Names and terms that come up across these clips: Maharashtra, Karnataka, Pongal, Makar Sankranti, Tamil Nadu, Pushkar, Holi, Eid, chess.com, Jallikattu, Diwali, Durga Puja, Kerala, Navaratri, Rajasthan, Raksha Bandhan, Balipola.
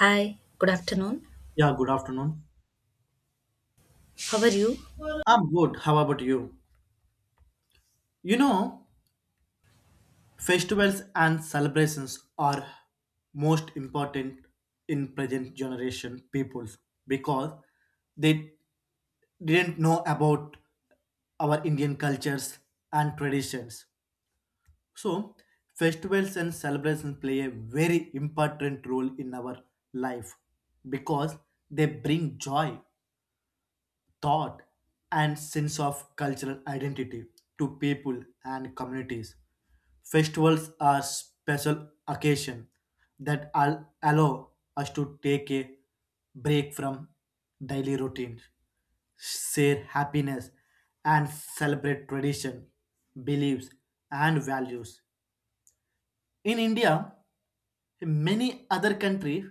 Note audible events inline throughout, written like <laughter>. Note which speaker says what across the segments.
Speaker 1: Hi, good afternoon.
Speaker 2: Yeah, good afternoon.
Speaker 1: How are you?
Speaker 2: I'm good. How about you? You know, festivals and celebrations are most important in present generation peoples because they didn't know about our Indian cultures and traditions. So, festivals and celebrations play a very important role in our life because they bring joy thought and sense of cultural identity to people and communities. Festivals are special occasion that allow us to take a break from daily routines, share happiness, and celebrate tradition, beliefs, and values. In India, many other countries'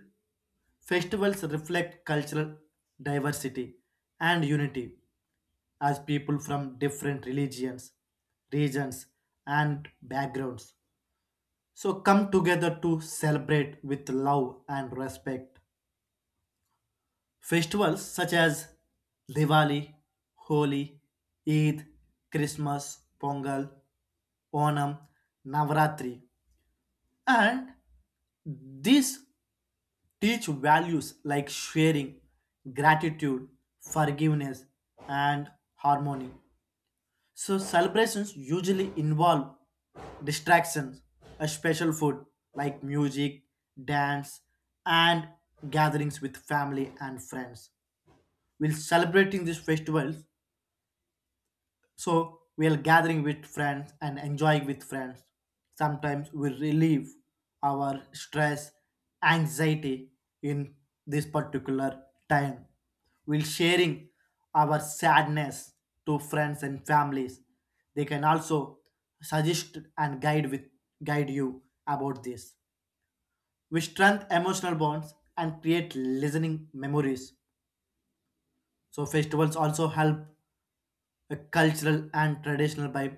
Speaker 2: festivals reflect cultural diversity and unity as people from different religions, regions, and backgrounds. So come together to celebrate with love and respect. Festivals such as Diwali, Holi, Eid, Christmas, Pongal, Onam, Navratri, and these teach values like sharing, gratitude, forgiveness, and harmony. So, celebrations usually involve distractions, a special food like music, dance, and gatherings with family and friends. While celebrating these festivals, so we're gathering with friends and enjoying with friends. Sometimes we relieve our stress, anxiety in this particular time. We're sharing our sadness to friends and families. They can also suggest and guide you about this. We strengthen emotional bonds and create listening memories. So festivals also help cultural and traditional by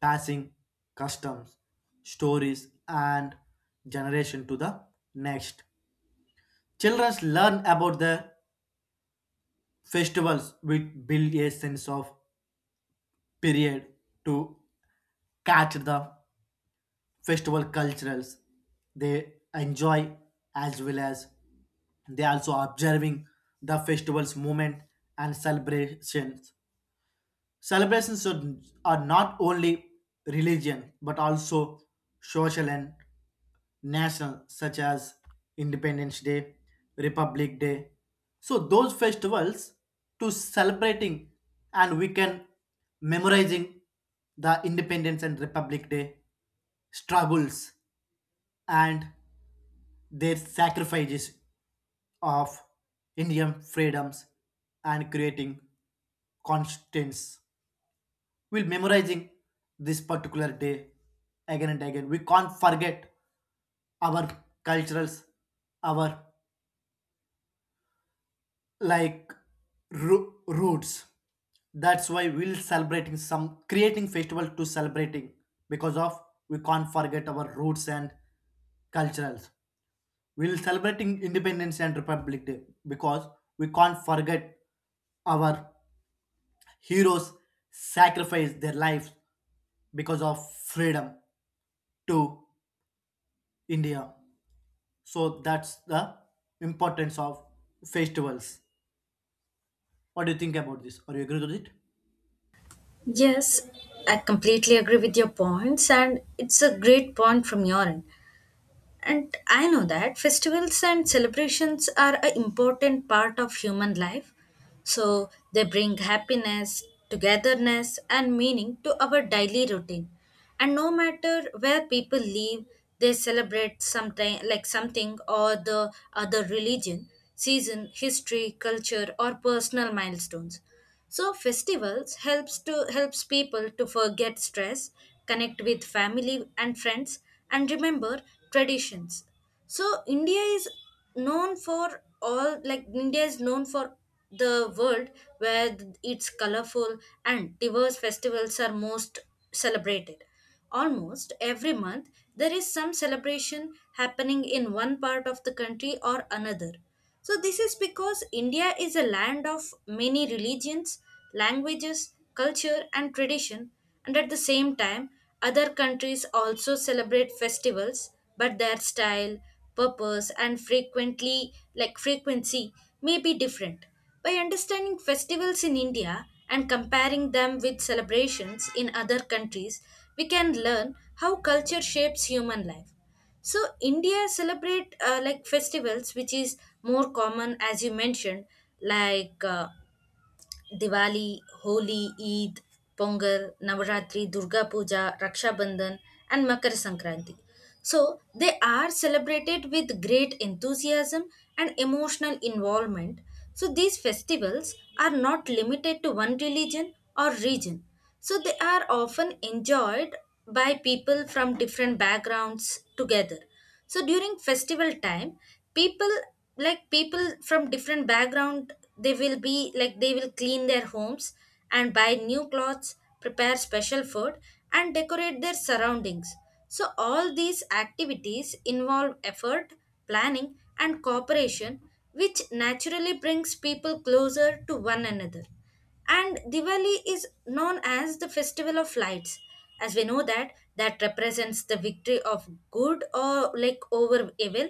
Speaker 2: passing customs, stories, and generation to the next. Children learn about the festivals which build a sense of period to catch the festival culturals they enjoy as well as they also observing the festival's movement and celebrations. Celebrations are not only religion but also social and national, such as Independence Day, Republic Day. So those festivals to celebrating, and we can memorizing the Independence and Republic Day struggles and their sacrifices of Indian freedoms and creating constants. We'll memorizing this particular day again and again. We can't forget our culturals, our like roots. That's why we'll celebrating some creating festival to celebrating because of we can't forget our roots and culturals. We'll celebrating Independence and Republic Day because we can't forget our heroes sacrificed their lives because of freedom to India. So that's the importance of festivals. What do you think about this? Are you agree with it?
Speaker 1: Yes, I completely agree with your points, and it's a great point from your end. And I know that festivals and celebrations are an important part of human life. So they bring happiness, togetherness, and meaning to our daily routine. And no matter where people live, they celebrate something like something or the other religion, season, history, culture, or personal milestones. So festivals helps people to forget stress, connect with family and friends and remember traditions. So India is known for the world where it's colorful and diverse festivals are most celebrated. Almost every month, there is some celebration happening in one part of the country or another. So, this is because India is a land of many religions, languages, culture, and tradition, and at the same time, other countries also celebrate festivals, but their style, purpose, and frequently, like frequency, may be different. By understanding festivals in India and comparing them with celebrations in other countries, we can learn how culture shapes human life. So India celebrate like festivals, which is more common as you mentioned, like Diwali, Holi, Eid, Pongal, Navaratri, Durga Puja, Raksha Bandhan, and Makar Sankranti. So they are celebrated with great enthusiasm and emotional involvement. So these festivals are not limited to one religion or region. So they are often enjoyed by people from different backgrounds together. So during festival time people, like people from different background, they will be like they will clean their homes and buy new clothes, prepare special food, and decorate their surroundings. So all these activities involve effort, planning, and cooperation, which naturally brings people closer to one another. And Diwali is known as the festival of lights, as we know that represents the victory of good, or like over evil,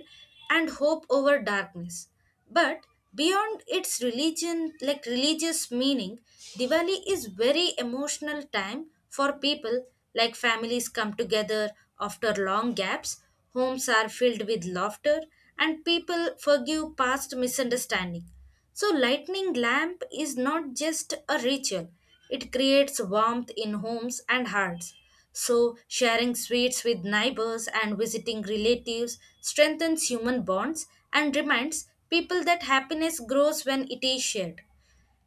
Speaker 1: and hope over darkness. But beyond its religion like religious meaning, Diwali is very emotional time for people. Like families come together after long gaps, homes are filled with laughter, and people forgive past misunderstanding. So, lightning lamp is not just a ritual, it creates warmth in homes and hearts. So, sharing sweets with neighbors and visiting relatives strengthens human bonds and reminds people that happiness grows when it is shared.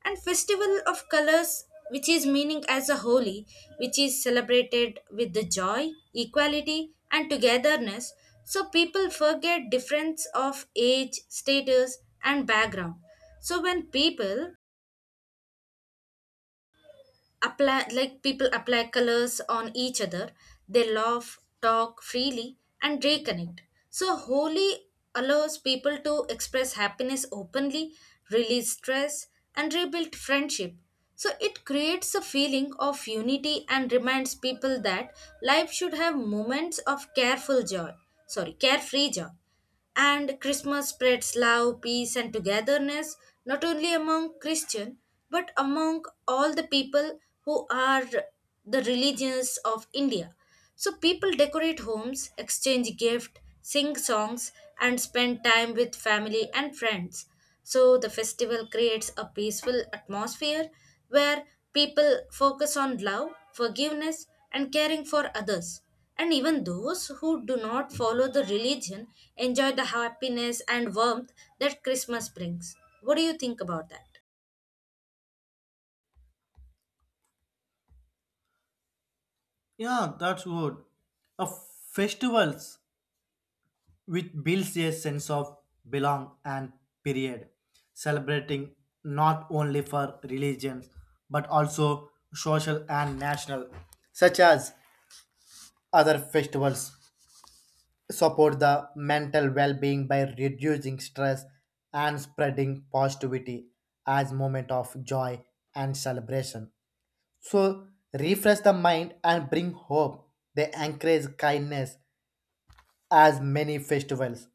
Speaker 1: And festival of colors, which is meaning as a holy, which is celebrated with the joy, equality, and togetherness. So people forget difference of age, status, and background. So when people apply colors on each other, they laugh, talk freely, and reconnect. So Holi allows people to express happiness openly, release stress, and rebuild friendship. So it creates a feeling of unity and reminds people that life should have moments of careful joy sorry carefree joy. And Christmas spreads love, peace, and togetherness, not only among Christian but among all the people who are the religions of India. So people decorate homes, exchange gift, sing songs, and spend time with family and friends. So the festival creates a peaceful atmosphere where people focus on love, forgiveness, and caring for others. And even those who do not follow the religion enjoy the happiness and warmth that Christmas brings. What do you think about that?
Speaker 2: Yeah, that's good. A festivals which builds a sense of belong and period, celebrating not only for religions but also social and national, such as other festivals support the mental well-being by reducing stress and spreading positivity as moment of joy and celebration so refresh the mind and bring hope. They encourage kindness as many festivals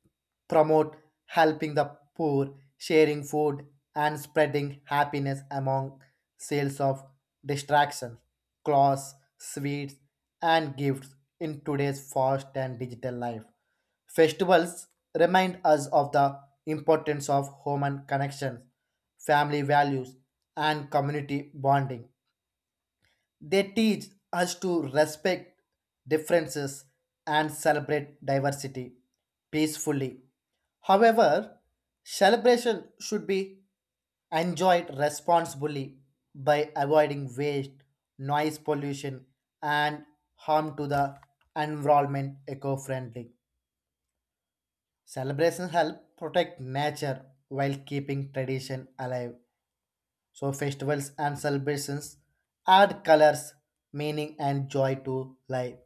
Speaker 2: promote helping the poor, sharing food, and spreading happiness among sales of distractions, clothes, sweets, and gifts in today's fast and digital life. Festivals remind us of the importance of human connections, family values, and community bonding. They teach us to respect differences and celebrate diversity peacefully. However, celebration should be enjoyed responsibly by avoiding waste, noise pollution, and harm to the environment eco friendly. Celebrations help protect nature while keeping tradition alive. So festivals and celebrations add colors, meaning, and joy to life.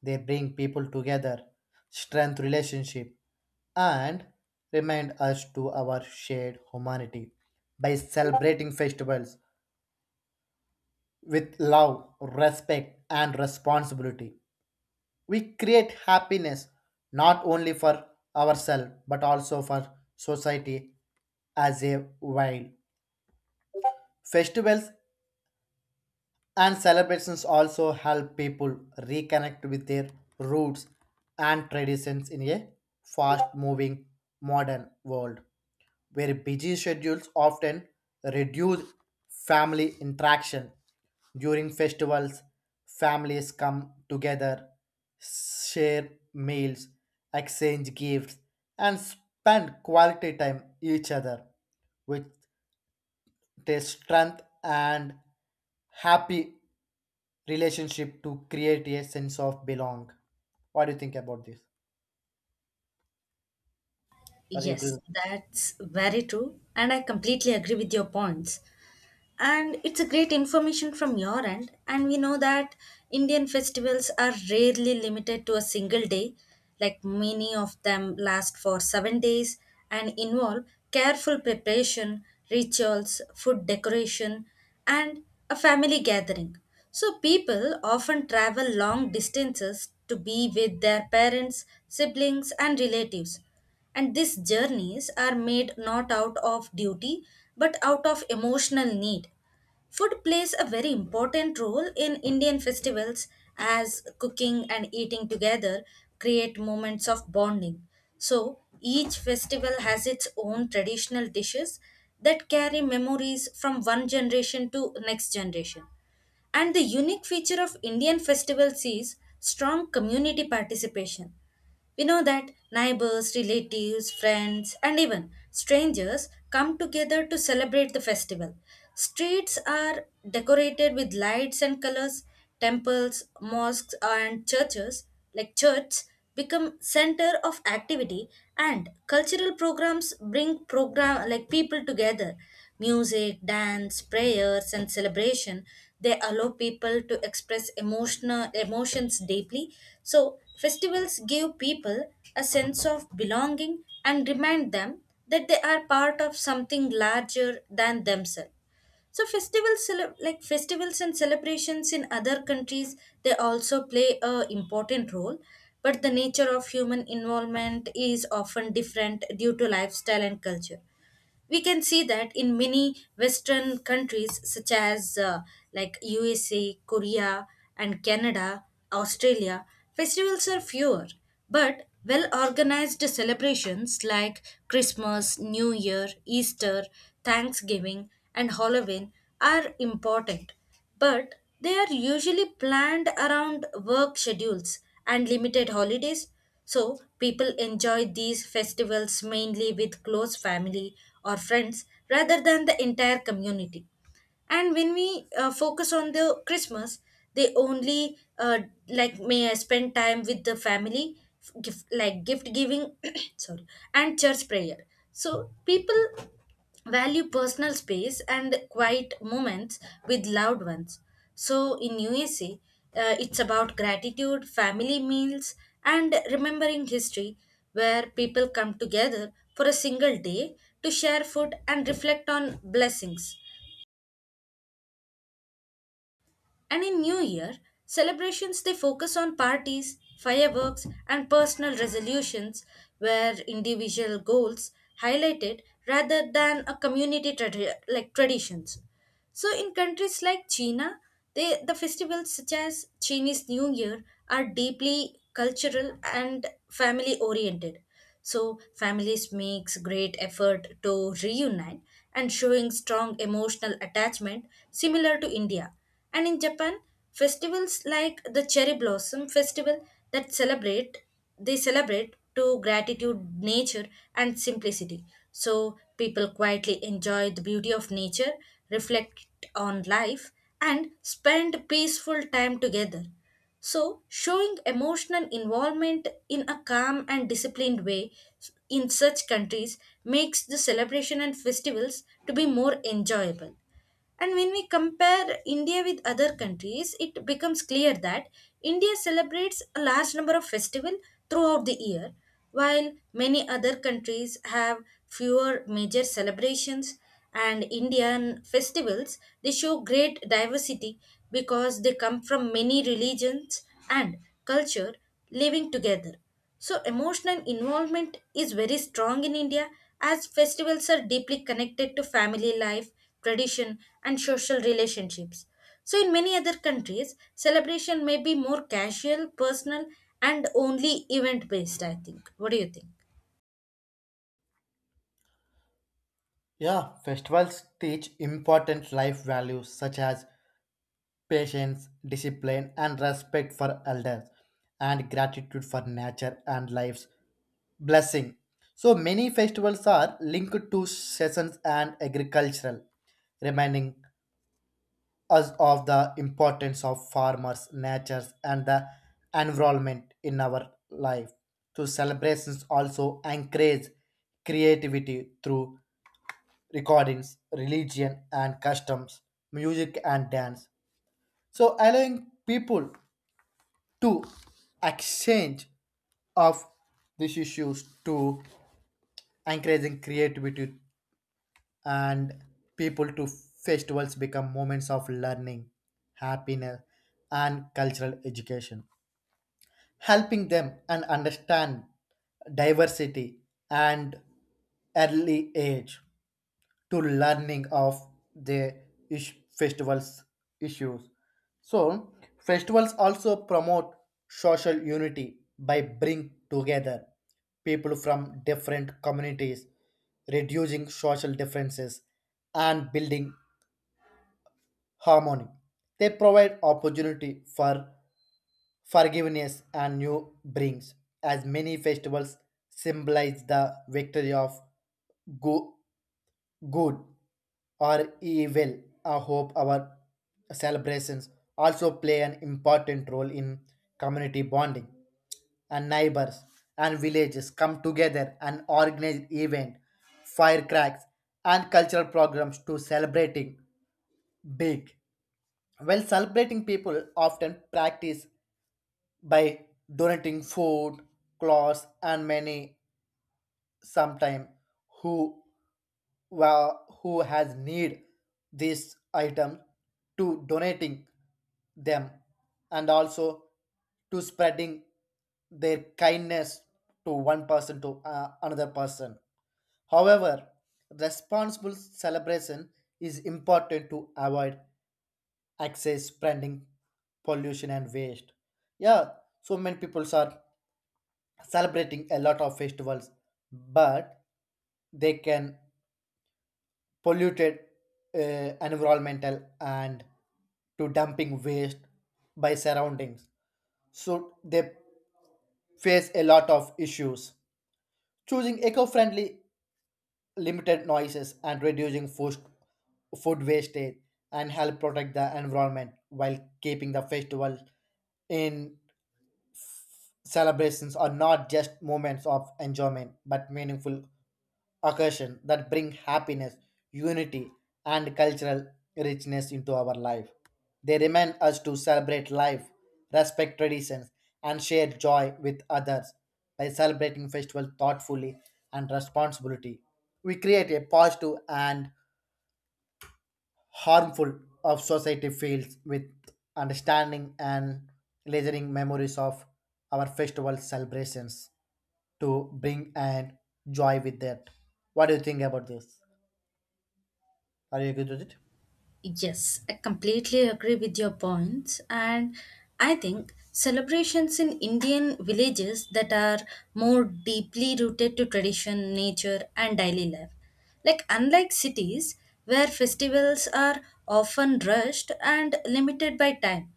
Speaker 2: They bring people together, strengthen relationship, and remind us to our shared humanity. By celebrating festivals with love, respect, and responsibility, we create happiness not only for ourselves but also for society as a while. Festivals and celebrations also help people reconnect with their roots and traditions in a fast moving modern world where busy schedules often reduce family interaction. During festivals, families come together, share meals, exchange gifts, and spend quality time each other with their strength and happy relationship to create a sense of belong. What do you think about this? Or you
Speaker 1: Yes,
Speaker 2: agree?
Speaker 1: that's very true. And I completely agree with your points. And it's a great information from your end, and we know that Indian festivals are rarely limited to a single day, like many of them last for 7 days and involve careful preparation, rituals, food, decoration, and a family gathering. So people often travel long distances to be with their parents, siblings, and relatives, and these journeys are made not out of duty but out of emotional need. Food plays a very important role in Indian festivals as cooking and eating together create moments of bonding. So each festival has its own traditional dishes that carry memories from one generation to next generation. And the unique feature of Indian festivals is strong community participation. We know that neighbors, relatives, friends, and even strangers come together to celebrate the festival. Streets are decorated with lights and colors. Temples, mosques, and churches, become center of activity, and cultural programs bring program like people together. Music, dance, prayers, and celebration, they allow people to express emotional emotions deeply. So festivals give people a sense of belonging and remind them that they are part of something larger than themselves. So festivals and celebrations in other countries, they also play a important role, but the nature of human involvement is often different due to lifestyle and culture. We can see that in many western countries such as USA, Korea, and Canada, Australia, festivals are fewer but well organized celebrations like Christmas, New Year, Easter, Thanksgiving, and Halloween are important, but they are usually planned around work schedules and limited holidays. So, people enjoy these festivals mainly with close family or friends rather than the entire community. And when we focus on the Christmas, they only may I spend time with the family f- gift, like gift giving <coughs> <clears throat> sorry, and church prayer. So people value personal space and quiet moments with loved ones. So in USA, it's about gratitude, family meals, and remembering history, where people come together for a single day to share food and reflect on blessings. And in New Year, celebrations they focus on parties, fireworks, and personal resolutions, where individual goals highlighted rather than a community tradi- like traditions. So in countries like China, the festivals such as Chinese New Year are deeply cultural and family oriented. So families makes great effort to reunite and showing strong emotional attachment similar to India. And in Japan, festivals like the cherry blossom festival that celebrate they celebrate to gratitude, nature, and simplicity. So people quietly enjoy the beauty of nature, reflect on life, and spend peaceful time together. So, showing emotional involvement in a calm and disciplined way in such countries makes the celebration and festivals to be more enjoyable. And when we compare India with other countries, it becomes clear that India celebrates a large number of festivals throughout the year, while many other countries have fewer major celebrations. And Indian festivals, they show great diversity because they come from many religions and culture living together. So, emotional involvement is very strong in India as festivals are deeply connected to family life, tradition, and social relationships. So, in many other countries, celebration may be more casual, personal, and only event based, I think. What do you think?
Speaker 2: Yeah, festivals teach important life values such as patience, discipline, and respect for elders, and gratitude for nature and life's blessing. So many festivals are linked to seasons and agricultural, reminding us of the importance of farmers, natures, and the environment in our life. To celebrations also encourage creativity through recordings, religion, and customs, music, and dance. So allowing people to exchange of these issues to encouraging creativity and people to festivals become moments of learning, happiness, and cultural education helping them and understand diversity and early age to learning of the festivals issues. So festivals also promote social unity by bring together people from different communities reducing social differences and building harmony. They provide opportunity for forgiveness and new brings, as many festivals symbolize the victory of go- good or evil. I hope our celebrations also play an important role in community bonding and neighbors and villages come together and organize event, firecracks, and cultural programs to celebrating big. While celebrating people often practice by donating food, clothes, and many sometime who who has need this item to donating them and also to spreading their kindness to one person to another person. However responsible celebration is important to avoid excess spreading pollution and waste, yeah. So many people are celebrating a lot of festivals but they can polluted environmental and to dumping waste by surroundings, so they face a lot of issues choosing eco-friendly limited noises and reducing food wastage and help protect the environment while keeping the festival in celebrations are not just moments of enjoyment but meaningful occasions that bring happiness, unity, and cultural richness into our life. They remind us to celebrate life, respect traditions, and share joy with others. By celebrating festivals thoughtfully and responsibility, we create a positive and harmful of society fields with understanding and lasering memories of our festival celebrations to bring and joy with that. What do you think about this? Are you agree with it?
Speaker 1: Yes, I completely agree with your points. And I think celebrations in Indian villages that are more deeply rooted to tradition, nature, and daily life. Like, unlike cities where festivals are often rushed and limited by time.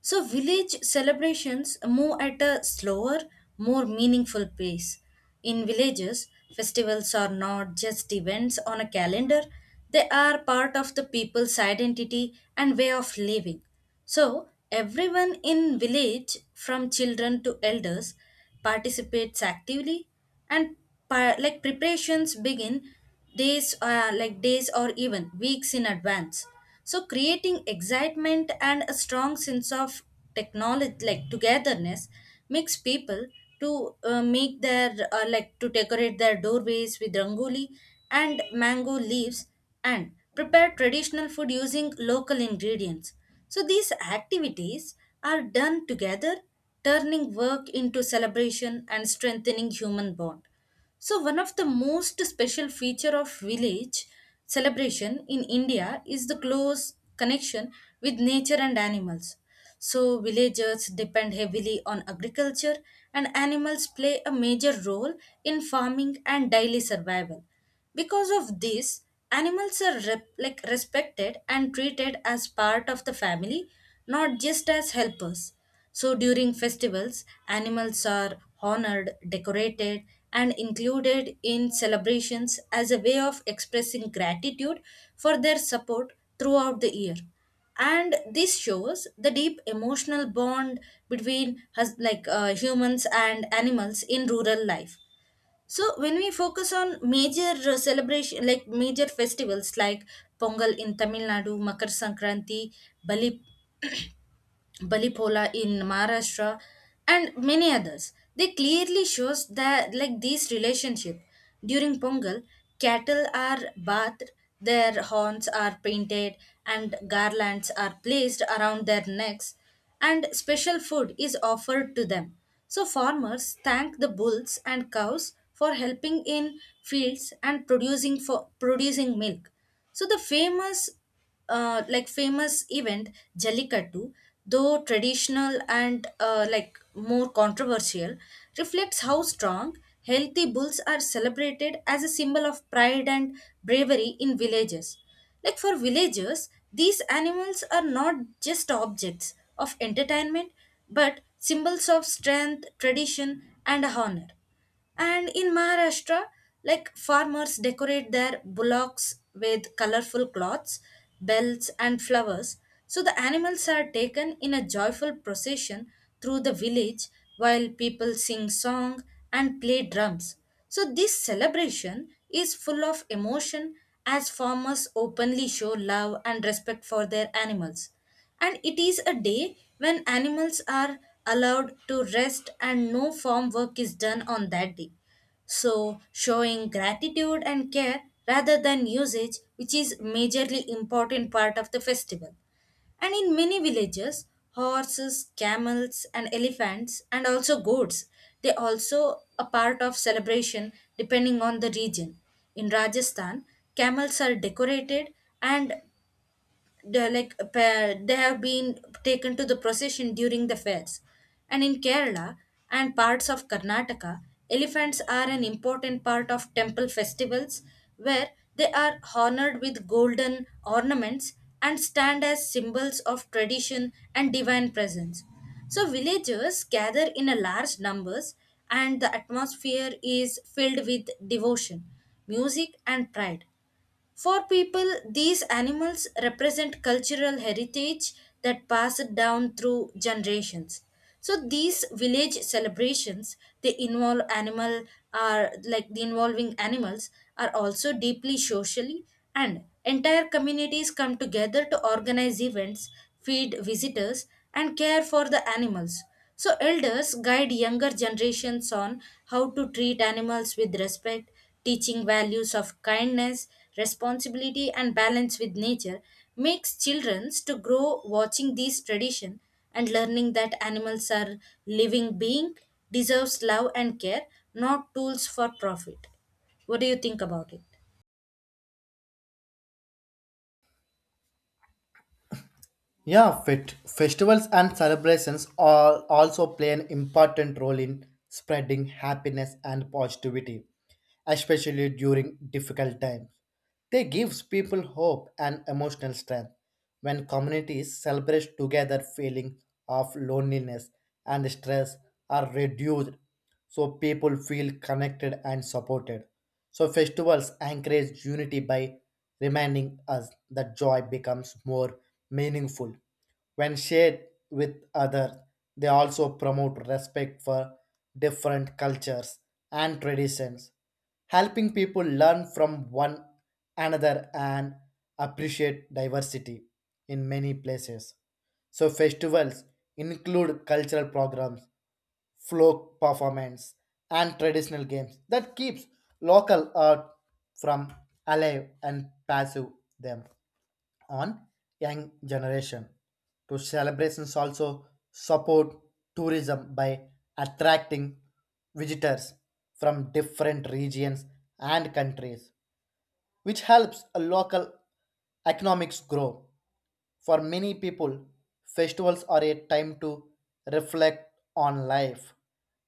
Speaker 1: So, village celebrations move at a slower, more meaningful pace. In villages, festivals are not just events on a calendar, they are part of the people's identity and way of living. So, everyone in village, from children to elders, participates actively, and preparations begin days or even weeks in advance, so creating excitement and a strong sense of technology like togetherness makes people to make their to decorate their doorways with rangoli and mango leaves, and prepare traditional food using local ingredients. So these activities are done together, turning work into celebration and strengthening human bond. So one of the most special feature of village celebration in India is the close connection with nature and animals. So villagers depend heavily on agriculture and animals play a major role in farming and daily survival. Because of this, animals are respected and treated as part of the family, not just as helpers. So during festivals, animals are honored, decorated, and included in celebrations as a way of expressing gratitude for their support throughout the year. And this shows the deep emotional bond between humans and animals in rural life. So when we focus on major festivals like Pongal in Tamil Nadu, Makar Sankranti, Bali Balipola in Maharashtra, and many others. They clearly shows that like these relationship. During Pongal, cattle are bathed, their horns are painted, and garlands are placed around their necks, and special food is offered to them. So farmers thank the bulls and cows for helping in fields and producing milk. So the famous event Jallikattu, though traditional and more controversial, reflects how strong healthy bulls are celebrated as a symbol of pride and bravery in villages. Like for villagers, these animals are not just objects of entertainment but symbols of strength, tradition, and honor. And in Maharashtra, like farmers decorate their bullocks with colorful cloths, bells, and flowers. So the animals are taken in a joyful procession through the village while people sing song and play drums. So this celebration is full of emotion as farmers openly show love and respect for their animals. And it is a day when animals are allowed to rest and no farm work is done on that day. So, showing gratitude and care rather than usage, which is majorly important part of the festival. And in many villages, horses, camels, and elephants, and also goats, they also a part of celebration depending on the region. In Rajasthan, camels are decorated, and they're they have been taken to the procession during the fairs. And in Kerala and parts of Karnataka, elephants are an important part of temple festivals, where they are honored with golden ornaments and stand as symbols of tradition and divine presence. So villagers gather in a large numbers and the atmosphere is filled with devotion, music, and pride. For people, these animals represent cultural heritage that passed down through generations. So these village celebrations, they involve animal are like the involving animals are also deeply socially, and entire communities come together to organize events, feed visitors, and care for the animals. So elders guide younger generations on how to treat animals with respect. Teaching values of kindness, responsibility, and balance with nature makes children to grow watching these tradition and learning that animals are living being, deserves love and care, not tools for profit. What do you think about it?
Speaker 2: Yeah, fit. Festivals and celebrations all also play an important role in spreading happiness and positivity, especially during difficult times. They gives people hope and emotional strength. When communities celebrate together, feeling of loneliness and stress are reduced, so people feel connected and supported. So festivals encourage unity by reminding us that joy becomes more meaningful when shared with others. They also promote respect for different cultures and traditions helping people learn from one another and appreciate diversity in many places. So festivals include cultural programs, folk performance, and traditional games that keeps local art from alive and passive them on young generation. To celebrations also support tourism by attracting visitors from different regions and countries which helps a local economics grow. For many people, festivals are a time to reflect on life,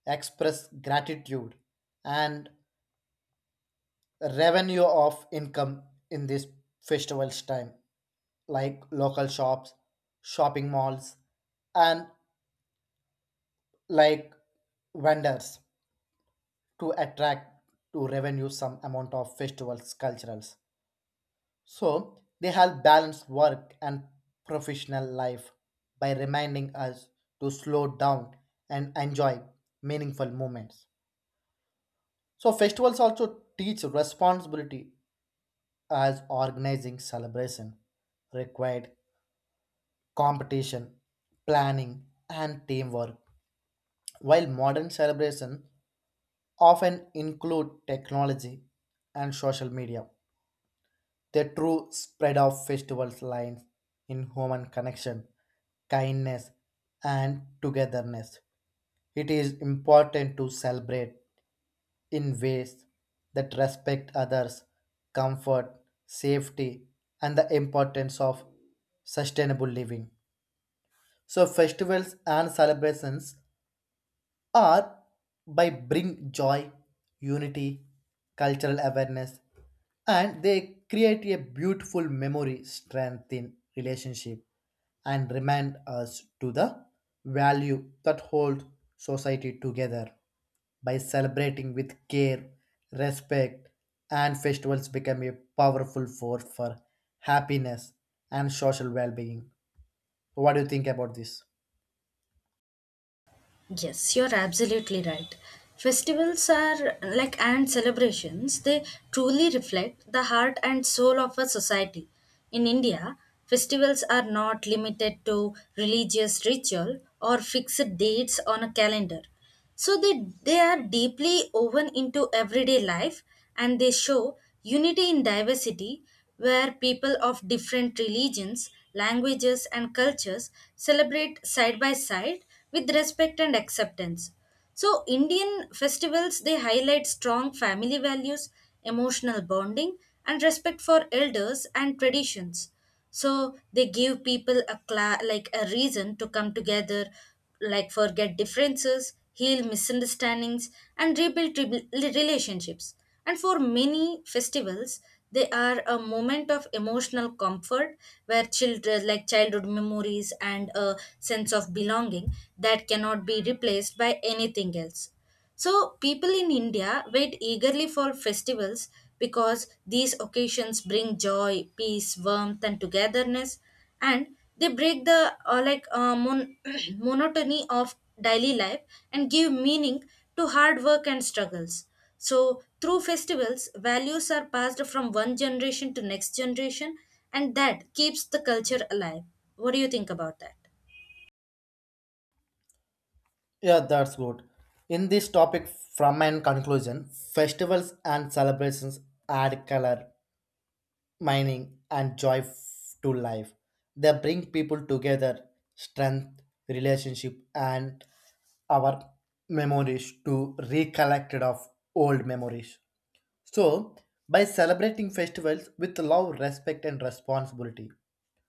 Speaker 2: express gratitude, and revenue of income in this festival's time, like local shops, shopping malls, and like vendors to attract to revenue some amount of festivals culturals. So they help balance work and professional life by reminding us to slow down and enjoy meaningful moments. So festivals also teach responsibility as organizing celebration required competition, planning and teamwork. While modern celebrations often include technology and social media. The true spread of festivals lies in human connection, kindness, and togetherness. It is important to celebrate in ways that respect others, comfort, safety, and the importance of sustainable living. So festivals and celebrations are by bring joy, unity, cultural awareness, and they create a beautiful memory strengthen relationship and remind us to the value that hold society together by celebrating with care respect and festivals become a powerful force for happiness and social well-being. What do you think about this?
Speaker 1: Yes, you're absolutely right. Festivals are like and celebrations, they truly reflect the heart and soul of a society. In India, festivals are not limited to religious ritual or fixed dates on a calendar. So they are deeply woven into everyday life, and they show unity in diversity where people of different religions, languages, and cultures celebrate side by side with respect and acceptance. So, Indian festivals they highlight strong family values, emotional bonding, and respect for elders and traditions. So, they give people a a reason to come together, like forget differences, heal misunderstandings, and rebuild relationships. And for many festivals, they are a moment of emotional comfort where children, like childhood memories and a sense of belonging that cannot be replaced by anything else. So, people in India wait eagerly for festivals because these occasions bring joy, peace, warmth, and togetherness, and they break the <clears throat> monotony of daily life and give meaning to hard work and struggles. So, through festivals, values are passed from one generation to next generation, and that keeps the culture alive. What do you think about that?
Speaker 2: Yeah, that's good. In this topic from an conclusion festivals and celebrations add color mining, and joy to life. They bring people together, strength, relationship, and our memories to recollect it of old memories. So, by celebrating festivals with love, respect, and responsibility,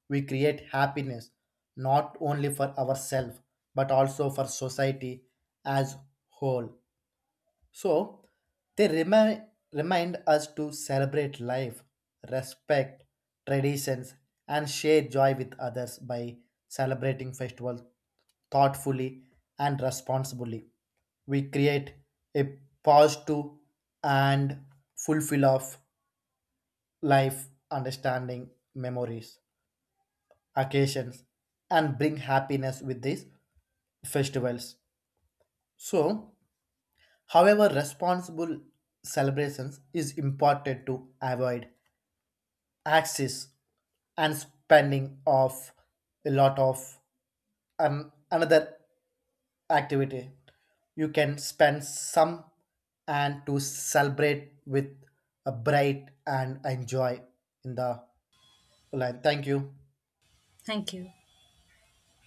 Speaker 2: we create happiness not only for ourselves but also for society as whole. So they remind us to celebrate life, respect traditions, and share joy with others by celebrating festivals thoughtfully and responsibly. We create a positive and fulfill of life, understanding, memories, occasions, and bring happiness with these festivals. So however, responsible celebrations is important to avoid excess and spending of a lot of another activity. You can spend some and to celebrate with a bright and enjoy in the line. Thank you.
Speaker 1: Thank you.